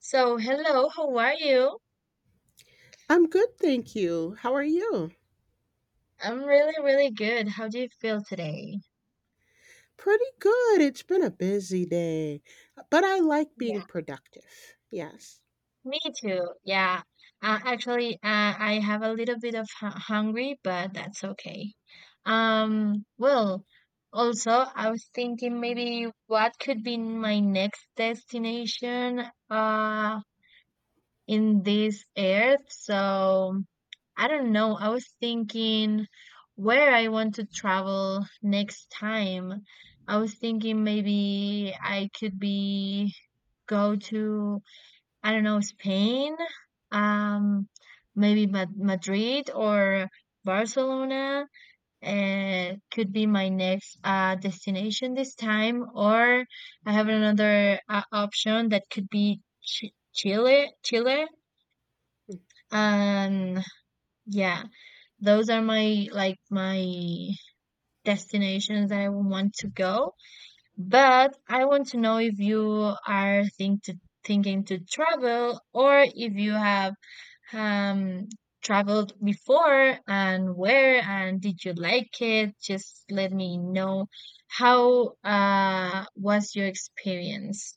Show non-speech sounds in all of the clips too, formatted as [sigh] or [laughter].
So, hello, how are you? I'm good, thank you. How are you? I'm really, really good. How do you feel today? Pretty good. It's been a busy day, but I like Yeah, being productive. Yes. me too. Yeah. I have a little bit of hungry, but that's okay. Well, also, I was thinking maybe what could be my next destination. Uh, in this earth. So I don't know. I was thinking where I want to travel next time. I was thinking maybe I could be go to I don't know Spain, um, maybe Madrid or Barcelona. Could be my next destination this time, or I have another option that could be Chile. Chile. Mm. And yeah, those are my, like, my destinations that I want to go. But I want to know if you are thinking to travel, or if you have um traveled before and where, and did you like it? Just let me know how was your experience.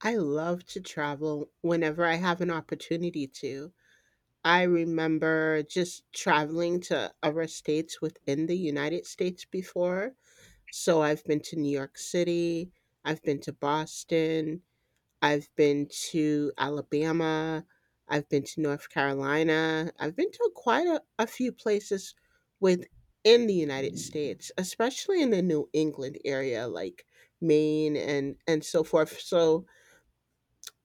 I love to travel whenever I have an opportunity to. I remember just traveling to other states within the United States before. So I've been to New York City, I've been to Boston, I've been to Alabama, I've been to North Carolina, I've been to quite a few places within the United States, especially in the New England area, like Maine and so forth. So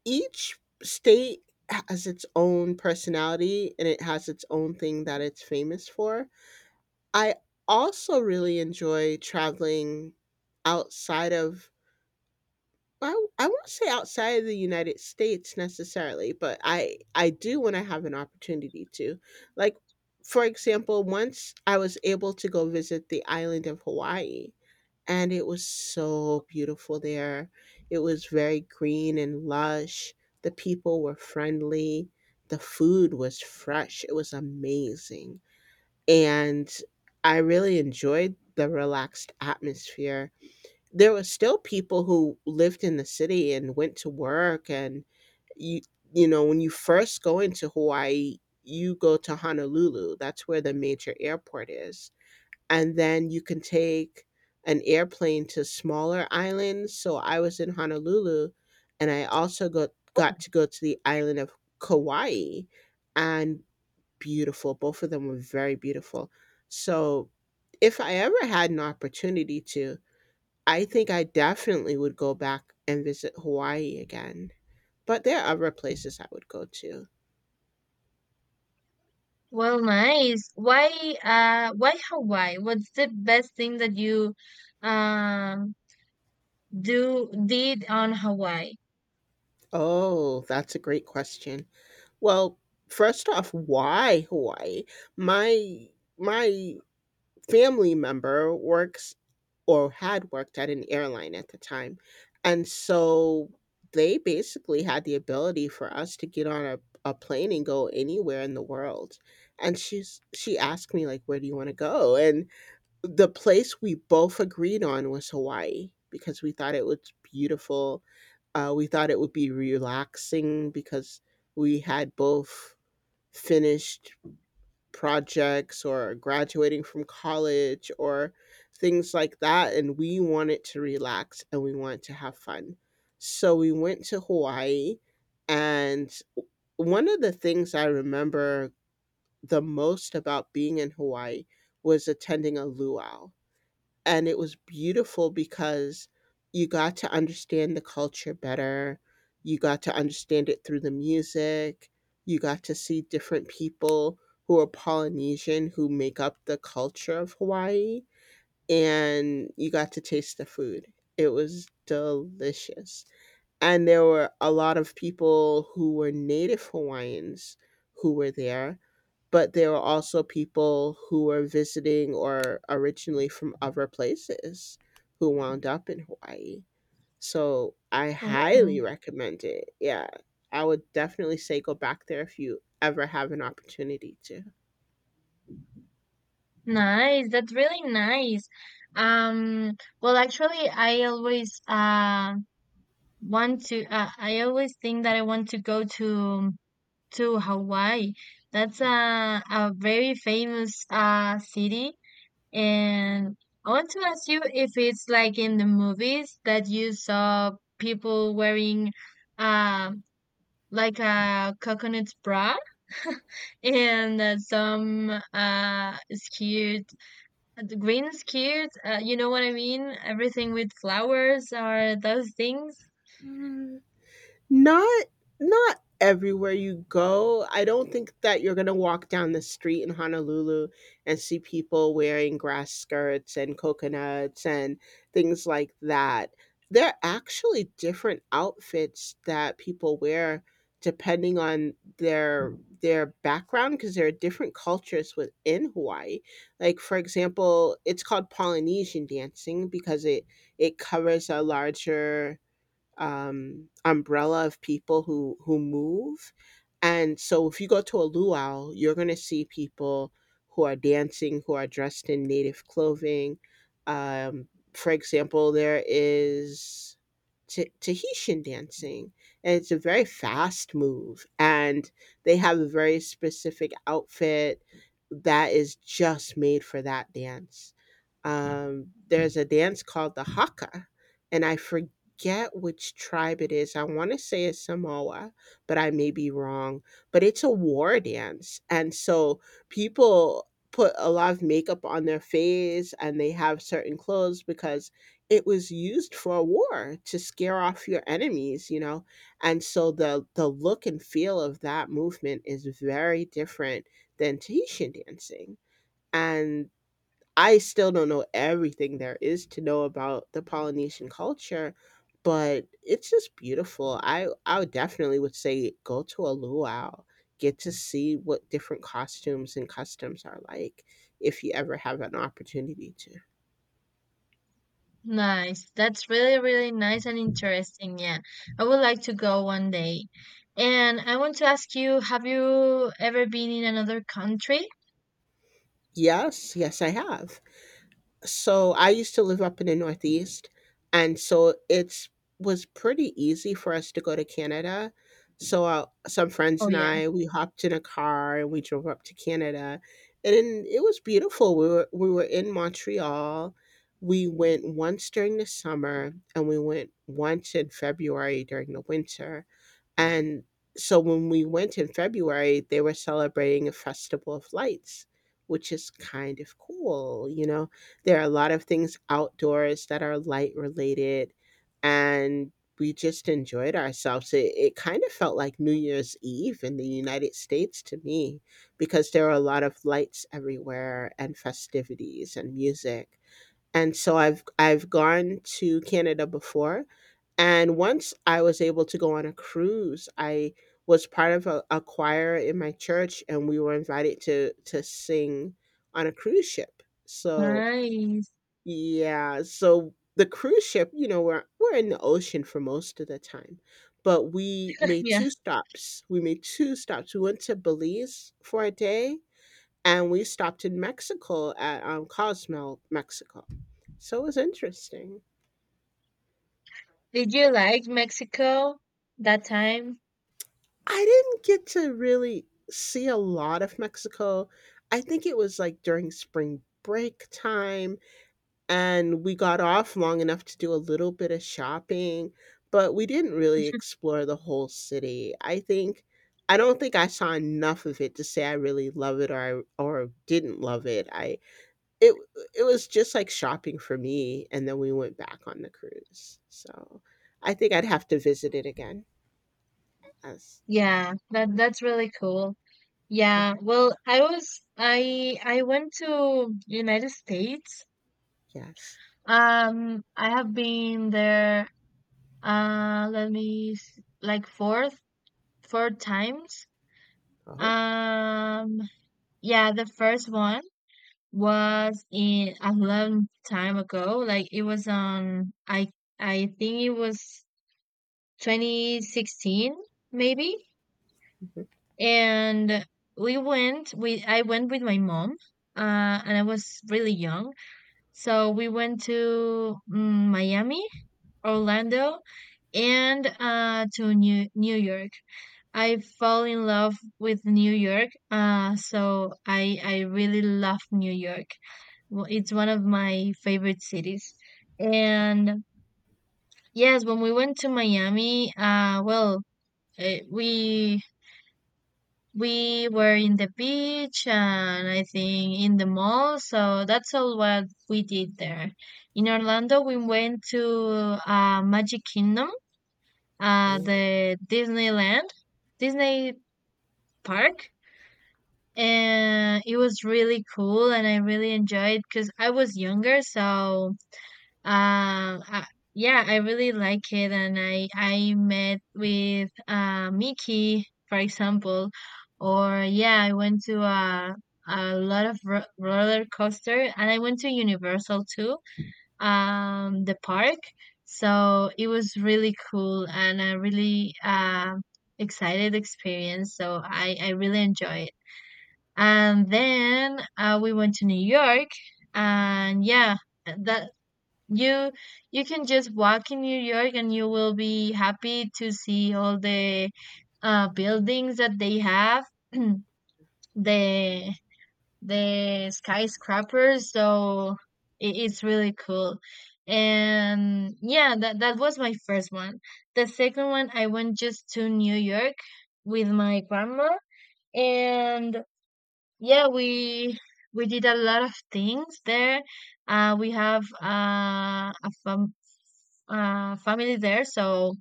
each state has its own personality and it has its own thing that it's famous for. I also really enjoy traveling outside of I won't say outside of the United States necessarily, but I do when I have an opportunity to. Like, for example, once I was able to go visit the island of Hawaii, and it was so beautiful there. It was very green and lush. The people were friendly. The food was fresh. It was amazing. And I really enjoyed the relaxed atmosphere. There were still people who lived in the city and went to work. And you you know, when you first go into Hawaii, you go to Honolulu, that's where the major airport is, and then you can take an airplane to smaller islands. So I was in Honolulu, and I also got to go to the island of Kauai. And beautiful, both of them were very beautiful. So if I ever had an opportunity to, I think I definitely would go back and visit Hawaii again, but there are other places I would go to. Well, nice. Why Hawaii? What's the best thing that you, um, do did on Hawaii? Oh, that's a great question. Well, first off, why Hawaii? My my family member works or had worked at an airline at the time. And so they basically had the ability for us to get on a plane and go anywhere in the world. And she asked me like, "Where do you want to go?" And the place we both agreed on was Hawaii because we thought it was beautiful. We thought it would be relaxing because we had both finished projects or graduating from college or things like that. And we wanted to relax and we wanted to have fun. So we went to Hawaii. And one of the things I remember the most about being in Hawaii was attending a luau. And it was beautiful because you got to understand the culture better. You got to understand it through the music. You got to see different people who are Polynesian who make up the culture of Hawaii. And you got to taste the food. It was delicious. And there were a lot of people who were native Hawaiians who were there, but there were also people who were visiting or originally from other places who wound up in Hawaii. So I highly Oh, recommend it. Yeah. I would definitely say go back there if you ever have an opportunity nice. That's really nice. Um, well, actually, I always, want to. I always think that I want to go to Hawaii. That's a very famous city. And I want to ask you if it's like in the movies that you saw people wearing um like a coconut bra [laughs] and some skirt, the green skirt, you know what I mean? Everything with flowers or those things. to. Not not everywhere you go. I don't think that you're gonna walk down the street in Honolulu and see people wearing grass skirts and coconuts and things like that. There are actually different outfits that people wear depending on their background because there are different cultures within Hawaii. Like for example, it's called Polynesian dancing because it covers a larger umbrella of people who move. And so, if you go to a luau, you're going to see people who are dancing, who are dressed in native clothing. For example, there is Tahitian dancing, and it's a very fast move, and they have a very specific outfit that is just made for that dance. There's a dance called the haka, and I forget which tribe it is. I want to say it's Samoa, but I may be wrong. But it's a war dance. And so people put a lot of makeup on their face and they have certain clothes because it was used for a war to scare off your enemies, you know. And so the look and feel of that movement is very different than Tahitian dancing. And I still don't know everything there is to know about the Polynesian culture, but it's just beautiful. I would definitely would say go to a luau, get to see what different costumes and customs are like if you ever have an opportunity to. Nice. That's really, really nice and interesting. Yeah. I would like to go one day. And I want to ask you, have you ever been in another country? Yes, yes, I have. So I used to live up in the Northeast, and so it's was pretty easy for us to go to Canada. So Some friends Oh and yeah. I, we hopped in a car and we drove up to Canada, and then it was beautiful. We were in Montreal. We went once during the summer, and we went once in February during the winter. And so when we went in February, they were celebrating a festival of lights, which is kind of cool. You know, there are a lot of things outdoors that are light related, and we just enjoyed ourselves. It kind of felt like New Year's Eve in the United States to me because there were a lot of lights everywhere and festivities and music. And so I've gone to Canada before. And once I was able to go on a cruise, I was part of a choir in my church, and we were invited to sing on a cruise ship. So Nice. yeah, so the cruise ship, you know, we're in the ocean for most of the time, but we [laughs] made Yeah. two stops. We made two stops. We went to Belize for a day, and we stopped in Mexico at Cozumel, Mexico. So it was interesting. Did you like Mexico that time? I didn't get to really see a lot of Mexico. I think it was, like, during spring break time, and we got off long enough to do a little bit of shopping, but we didn't really explore the whole city. I don't think I saw enough of it to say I really love it or I or didn't love it. I it it was just like shopping for me, and then we went back on the cruise. So, I think I'd have to visit it again as Yeah, that's really cool. Yeah. yeah, Well, I was I went to United States. yes. I have been there, let me like four times. Oh, [laughs] Um, yeah, the first one was in a long time ago. Like it was on I think it was 2016, maybe. And we went we I went with my mom, uh, and I was really young, so we went to Miami, Orlando, and to New York. I fell in love with New York, so I really love New York. It's one of my favorite cities. And yes, when we went to Miami, well, eh, we we were in the beach, and I think in the mall, so that's all what we did there. In Orlando, we went to Magic Kingdom, Th- the Disneyland, Disney Park, and it was really cool, and I really enjoyed because I was younger, so, um, uh, yeah, I really like it, and I met with Mickey, for example. Or yeah, I went to a lot of ro roller coaster, and I went to Universal too, the park. So it was really cool and a really excited experience. So I really enjoy it. And then, we went to New York, and yeah, that you can just walk in New York, and you will be happy to see all the buildings that they have, [clears throat] the the skyscrapers. So it's really cool. And yeah, that was my first one. The second one, I went just to New York with my grandma, and yeah, we did a lot of things there. We have, a, fa family there, so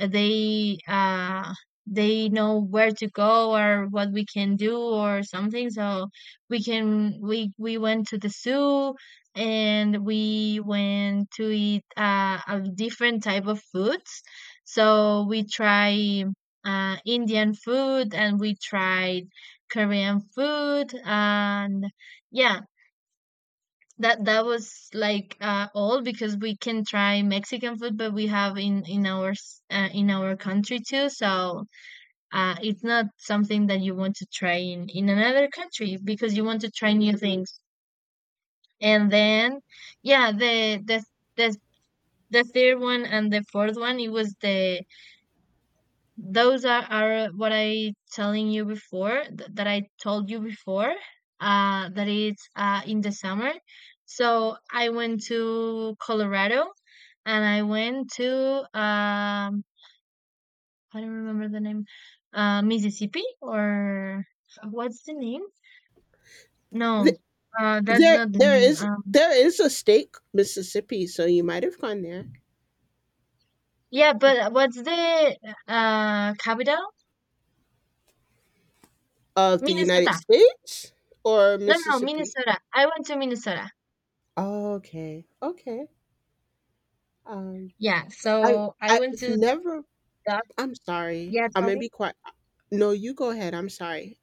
they uh, they know where to go or what we can do or something. So we went to the zoo, and we went to eat a different type of foods. So we try Indian food, and we tried Korean food. And yeah, that was like, all because we can try Mexican food, but we have in our, in our country too. So, it's not something that you want to try in another country, because you want to try new things. And then, yeah, the the third one and the fourth one, it was the those are what I telling you before, that I told you before, that it's in the summer. So I went to Colorado, and I went to, I don't remember the name, Mississippi, or what's the name, no, that's There, not the there name, is there is a state, Mississippi, so you might have gone there. yeah, but what's the capital? Of the United Minnesota. States or No, no, no, Mississippi? Minnesota I went to Minnesota. Oh, okay, okay. Um, Yeah, I so I went I've to never. that. I'm sorry. Yeah, I'm tell gonna me. be quiet. No, you go ahead. I'm sorry.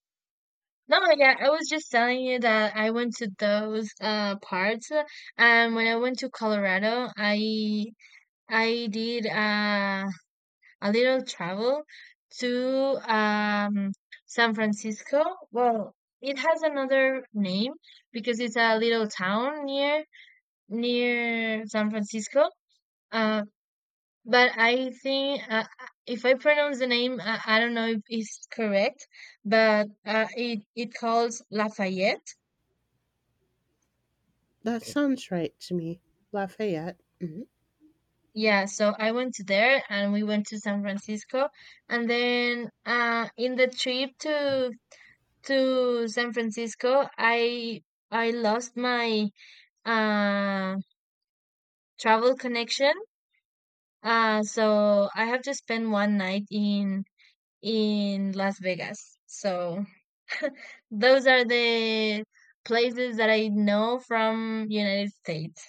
No, yeah, I was just telling you that I went to those parts, and when I went to Colorado, I did a little travel to, San Francisco. Well, it has another name, because it's a little town near San Francisco. Uh, but I think, if I pronounce the name, I don't know if it's correct, but it calls Lafayette. That sounds right to me. Lafayette. Mm-hmm. Yeah, so I went to there, and we went to San Francisco, and then, in the trip to San Francisco, I lost my uh travel connection. So I have to spend one night in Las Vegas. So those are the places that I know from United States.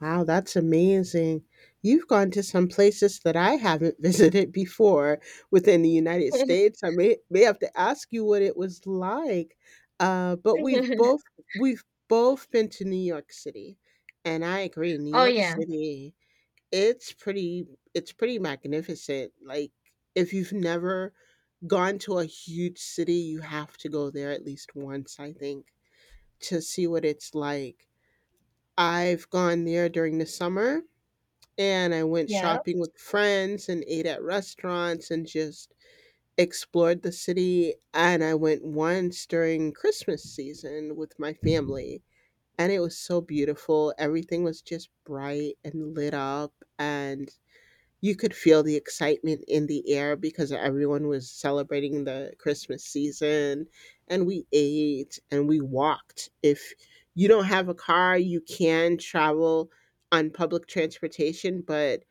Wow, that's amazing. You've gone to some places that I haven't [laughs] visited before within the United [laughs] States. I may have to ask you what it was like. But we've both been to New York City, and I agree. New Oh York yeah. City, it's pretty it's pretty magnificent. Like if you've never gone to a huge city, you have to go there at least once, I think, to see what it's like. I've gone there during the summer and I went Yeah. shopping with friends and ate at restaurants and just explored the city. And I went once during Christmas season with my family. And it was so beautiful. Everything was just bright and lit up. And you could feel the excitement in the air because everyone was celebrating the Christmas season. And we ate and we walked. If you don't have a car, you can travel on public transportation, but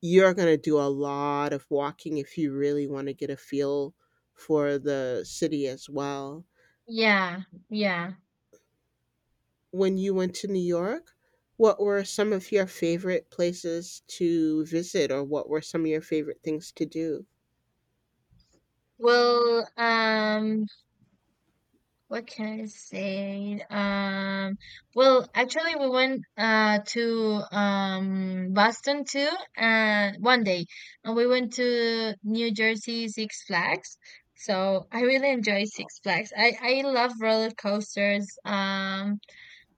you're going to do a lot of walking if you really want to get a feel for the city as well. Yeah, yeah. When you went to New York, what were some of your favorite places to visit or what were some of your favorite things to do? Well, what can I say? Well, actually, we went to, Boston too, one day, and we went to New Jersey Six Flags. So I really enjoy Six Flags. I love roller coasters.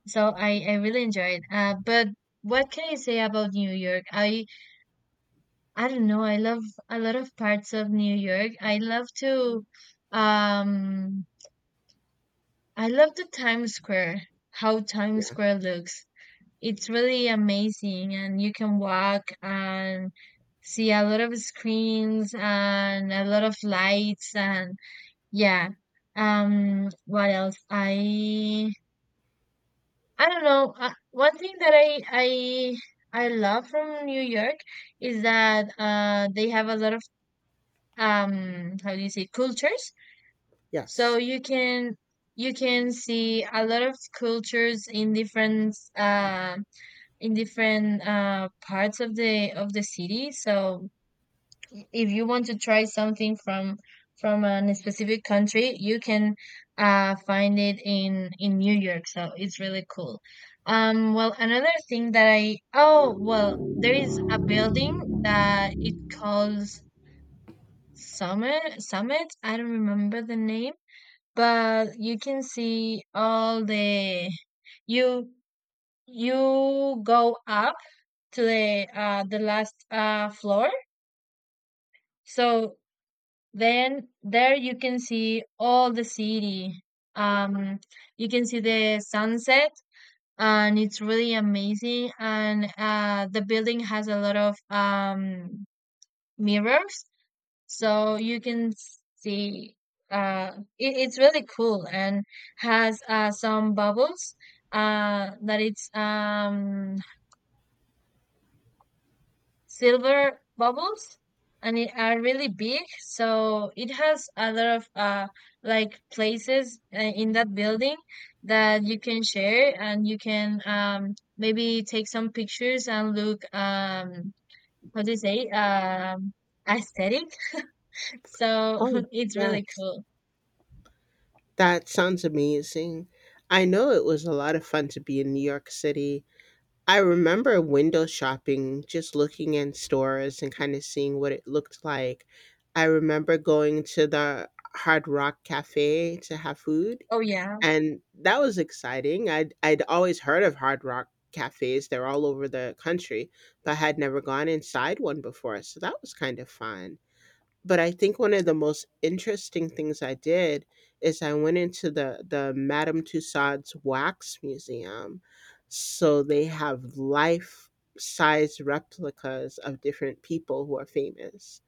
So I really enjoyed. But what can I say about New York? I don't know. I love a lot of parts of New York. Um I love the Times Square, how Times Yeah. Square looks. It's really amazing, and you can walk and see a lot of screens and a lot of lights, and yeah. What else? I don't know. One thing that I love from New York is that they have a lot of, how do you say, cultures. So Yes. You can see a lot of cultures in different, in different parts of the city. So if you want to try something from a specific country, you can find it in New York. So it's really cool. Well, another thing that I oh, well, there is a building that it calls Summit. I don't remember the name, but you can see all the, you you go up to the last floor, so then there you can see all the city. Um, you can see the sunset, and it's really amazing. And the building has a lot of, mirrors, so you can see. Uh, it's really cool, and has some bubbles. That it's silver bubbles, and it are really big, so it has a lot of like places in that building, that you can share, and you can maybe take some pictures and look, how do you say, aesthetic. [laughs] So Oh, [laughs] it's really yes. cool. That sounds amazing. I know it was a lot of fun to be in New York City. I remember window shopping, just looking in stores and kind of seeing what it looked like. I remember going to the Hard Rock Cafe to have food, Oh yeah. and that was exciting. I'd always heard of Hard Rock cafes, they're all over the country, but I had never gone inside one before, so that was kind of fun. But I think one of the most interesting things I did is I went into the Madame Tussauds Wax Museum. So they have life size replicas of different people who are famous.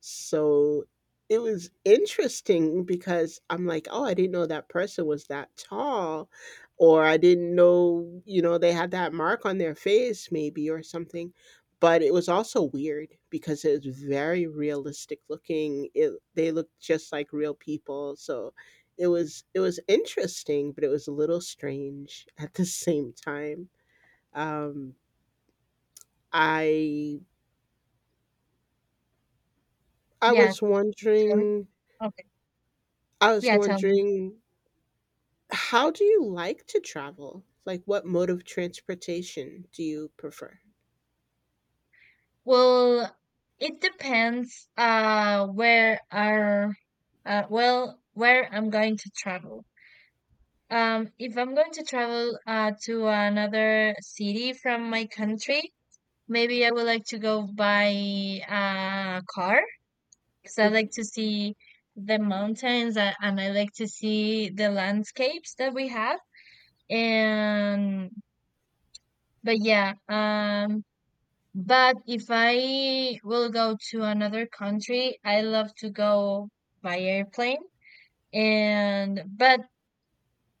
So it was interesting because I'm like, oh, I didn't know that person was that tall, or I didn't know, you know, they had that mark on their face, maybe, or something. But it was also weird because it was very realistic looking. It, they looked just like real people. So it was interesting, but it was a little strange [laughs] at the same time. Um, I I Yeah, was tell me. wondering Okay. I was Yeah, tell me. wondering How do you like to travel? Like, what mode of transportation do you prefer? [laughs] Well, it depends, where our well, where I'm going to travel. If I'm going to travel, to another city from my country, maybe I would like to go by a car, because I like Mhm. to see the mountains, and I like to see the landscapes that we have. And but yeah, but if I will go to another country, I love to go by airplane. And but,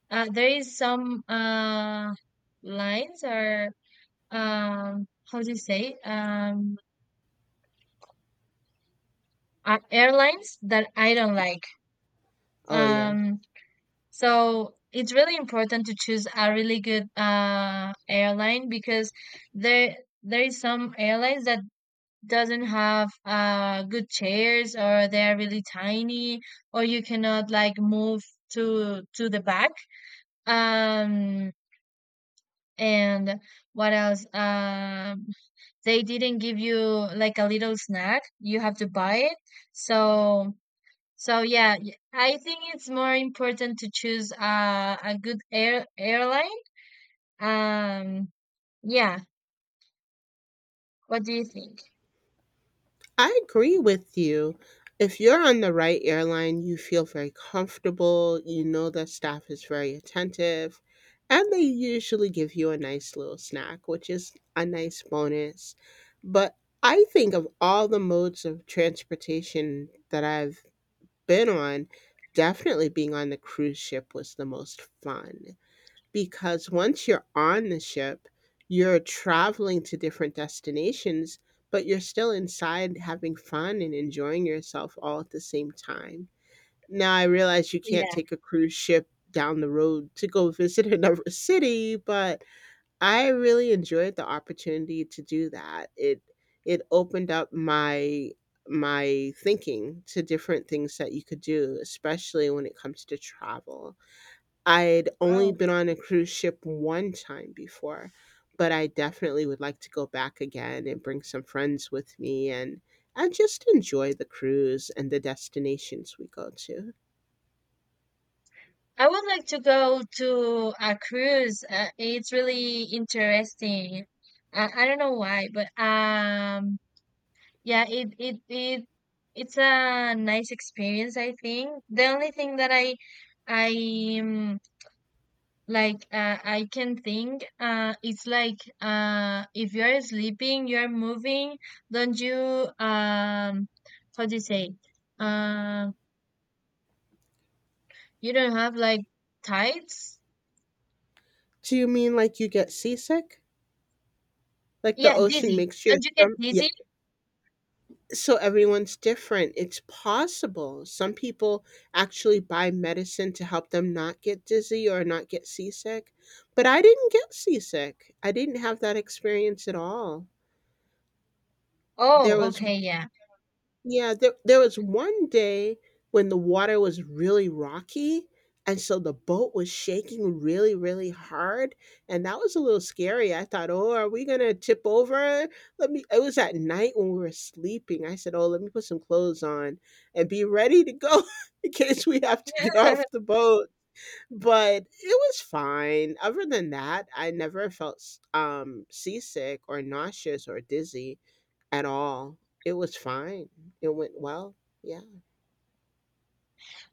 there is some lines, or, how do you say, airlines that I don't like. Oh, yeah. Um so it's really important to choose a really good airline, because there there is some airlines that doesn't have good chairs, or they're really tiny, or you cannot like move to the back. Um and what else? They didn't give you like a little snack. You have to buy it. So, yeah, I think it's more important to choose, a good airline. Um, yeah. What do you think? I agree with you. If you're on the right airline, you feel very comfortable. You know the staff is very attentive, and they usually give you a nice little snack, which is a nice bonus. But I think of all the modes of transportation that I've been on, definitely being on the cruise ship was the most fun. Because once you're on the ship, you're traveling to different destinations, but you're still inside having fun and enjoying yourself all at the same time. Now I realize you can't Yeah. take a cruise ship down the road to go visit another [laughs] city, but I really enjoyed the opportunity to do that. It opened up my thinking to different things that you could do, especially when it comes to travel. I'd only Oh, been on a cruise ship one time before, but I definitely would like to go back again and bring some friends with me and just enjoy the cruise and the destinations we go to. I would like to go to a cruise. It's really interesting. I don't know why, but, yeah, it's a nice experience, I think. The only thing that I like, I can think, it's like, if you're sleeping, you're moving. Don't you, how do you say? Um, you don't have like tights. Do you mean like you get seasick? Like the Yeah, ocean dizzy. makes your Don't you get stomach? Yeah. dizzy? So everyone's different. It's possible. Some people actually buy medicine to help them not get dizzy or not get seasick. But I didn't get seasick. I didn't have that experience at all there Oh, was okay, yeah. Yeah, there was one day when the water was really rocky, and so the boat was shaking really, really hard, and that was a little scary. I thought, "Oh, are we gonna tip over?" Let me It was at night when we were sleeping. I said, "Oh, let me put some clothes on and be ready to go [laughs] in case we have to get off the [laughs] boat." But it was fine. Other than that, I never felt seasick or nauseous or dizzy at all. It was fine. It went well. Yeah.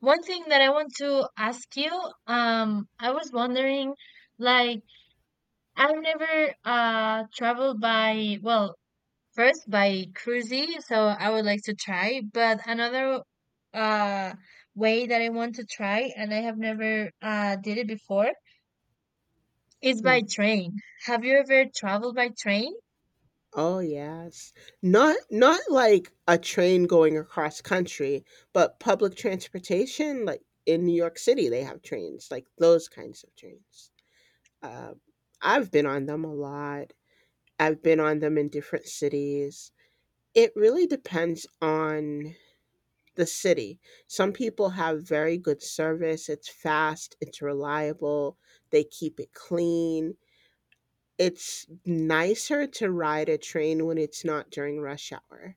One thing that I want to ask you, I was wondering, like, I've never traveled by, well, first by cruisy, so I would like to try. But another uh way that I want to try, and I have never did it before, is Hmm. by train. Have you ever traveled by train? Oh yes. Not like a train going across country, but public transportation like in New York City they have trains, like those kinds of trains. Uh, I've been on them a lot. I've been on them in different cities. It really depends on the city. Some people have very good service. It's fast, it's reliable, they keep it clean. It's nicer to ride a train when it's not during rush hour.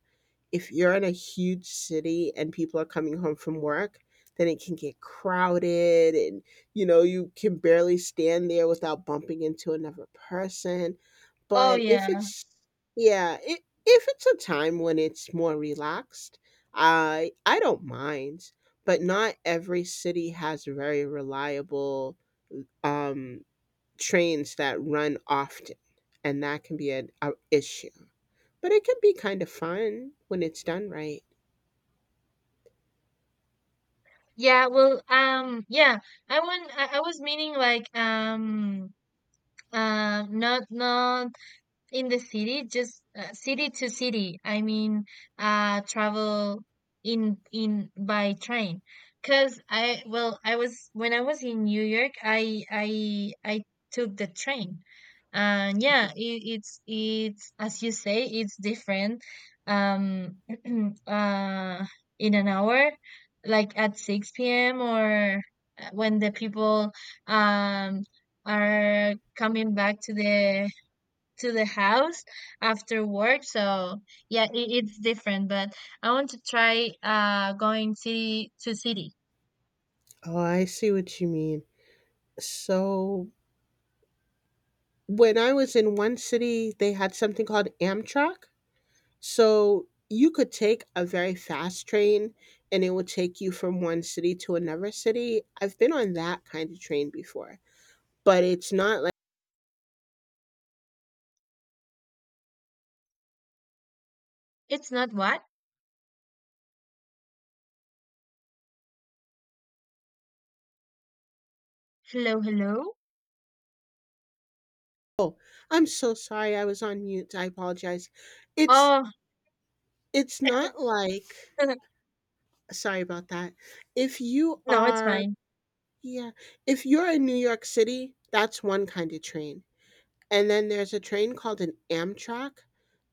If you're in a huge city and people are coming home from work, then it can get crowded and, you know, you can barely stand there without bumping into another person. Oh But yeah. Yeah, i if it's a time when it's more relaxed, I don't mind, but not every city has very reliable um trains that run often, and that can be an a issue. But it can be kind of fun when it's done right. Yeah, well, yeah, I was meaning like, not in the city, just, city to city, I mean, travel in by train, because I well, I was when I was in New York, I took the train. And yeah, it's as you say, it's different, um [clears throat] uh in an hour like at 6 p.m., or when the people, um are coming back to the house after work. So yeah, it's different. But I want to try going city to city. Oh, I see what you mean. So when I was in one city, they had something called Amtrak. So you could take a very fast train and it would take you from one city to another city. I've been on that kind of train before, but it's not like, It's not what? Hello, hello. oh, I'm so sorry I was on mute. I apologize. It's Oh, it's not [laughs] like Sorry about that. If you no, it's are fine. yeah, if you're in New York City, that's one kind of train. And then there's a train called an Amtrak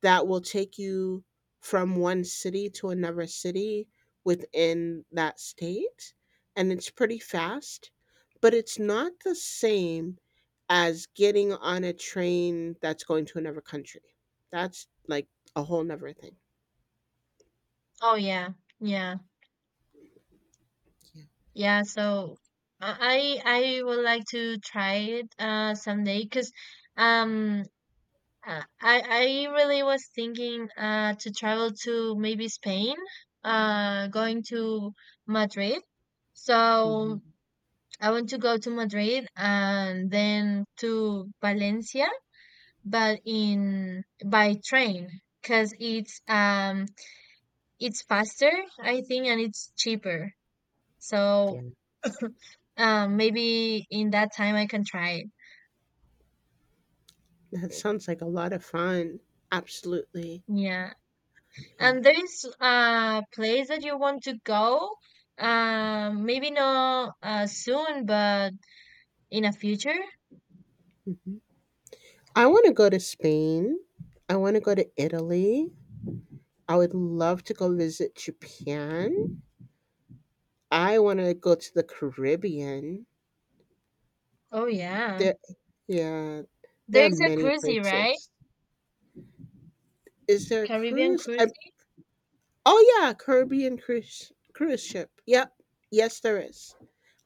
that will take you from one city to another city within that state, and it's pretty fast, but it's not the same as getting on a train that's going to another country. That's like a whole nother thing. Oh yeah, yeah, Yeah. yeah. So I would like to try it someday, because um. uh, I I really was thinking to travel to maybe Spain, going to Madrid. So Mhm. I want to go to Madrid, and then to Valencia, but in by train, because it's faster, I think, and it's cheaper. Yeah. So, maybe in that time I can try it. That sounds like a lot of fun. Absolutely. Yeah. Yeah. And there is a place that you want to go, maybe not, soon, but in a future. Mhm. I want to go to Spain. I want to go to Italy. I would love to go visit Japan. I want to go to the Caribbean. Oh yeah. There, yeah, There there are is a many cruise, right? places. Is there a Caribbean cruise? I, cruise. oh yeah, Caribbean cruise ship. Yep, yes there is.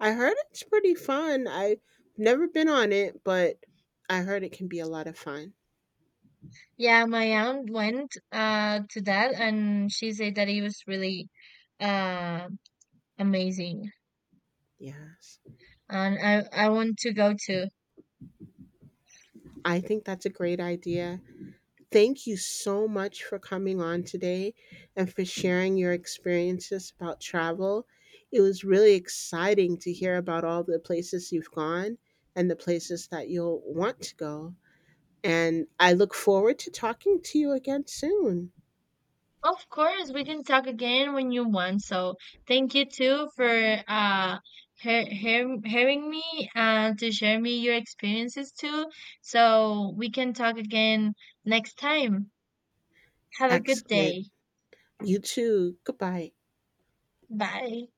I heard it's pretty fun. I've never been on it, but I heard it can be a lot of fun. Yeah, my Yeah. aunt went to that, and she said that it was really uh amazing. Yes. And I want to go too. I think that's a great idea. Thank you so much for coming on today and for sharing your experiences about travel. It was really exciting to hear about all the places you've gone and the places that you'll want to go. And I look forward to talking to you again soon. Of course, we can talk again when you want. So thank you too for uh hearing me, and to share me your experiences too. So we can talk again next time. Have a good Excellent. day. You too. Goodbye. Bye.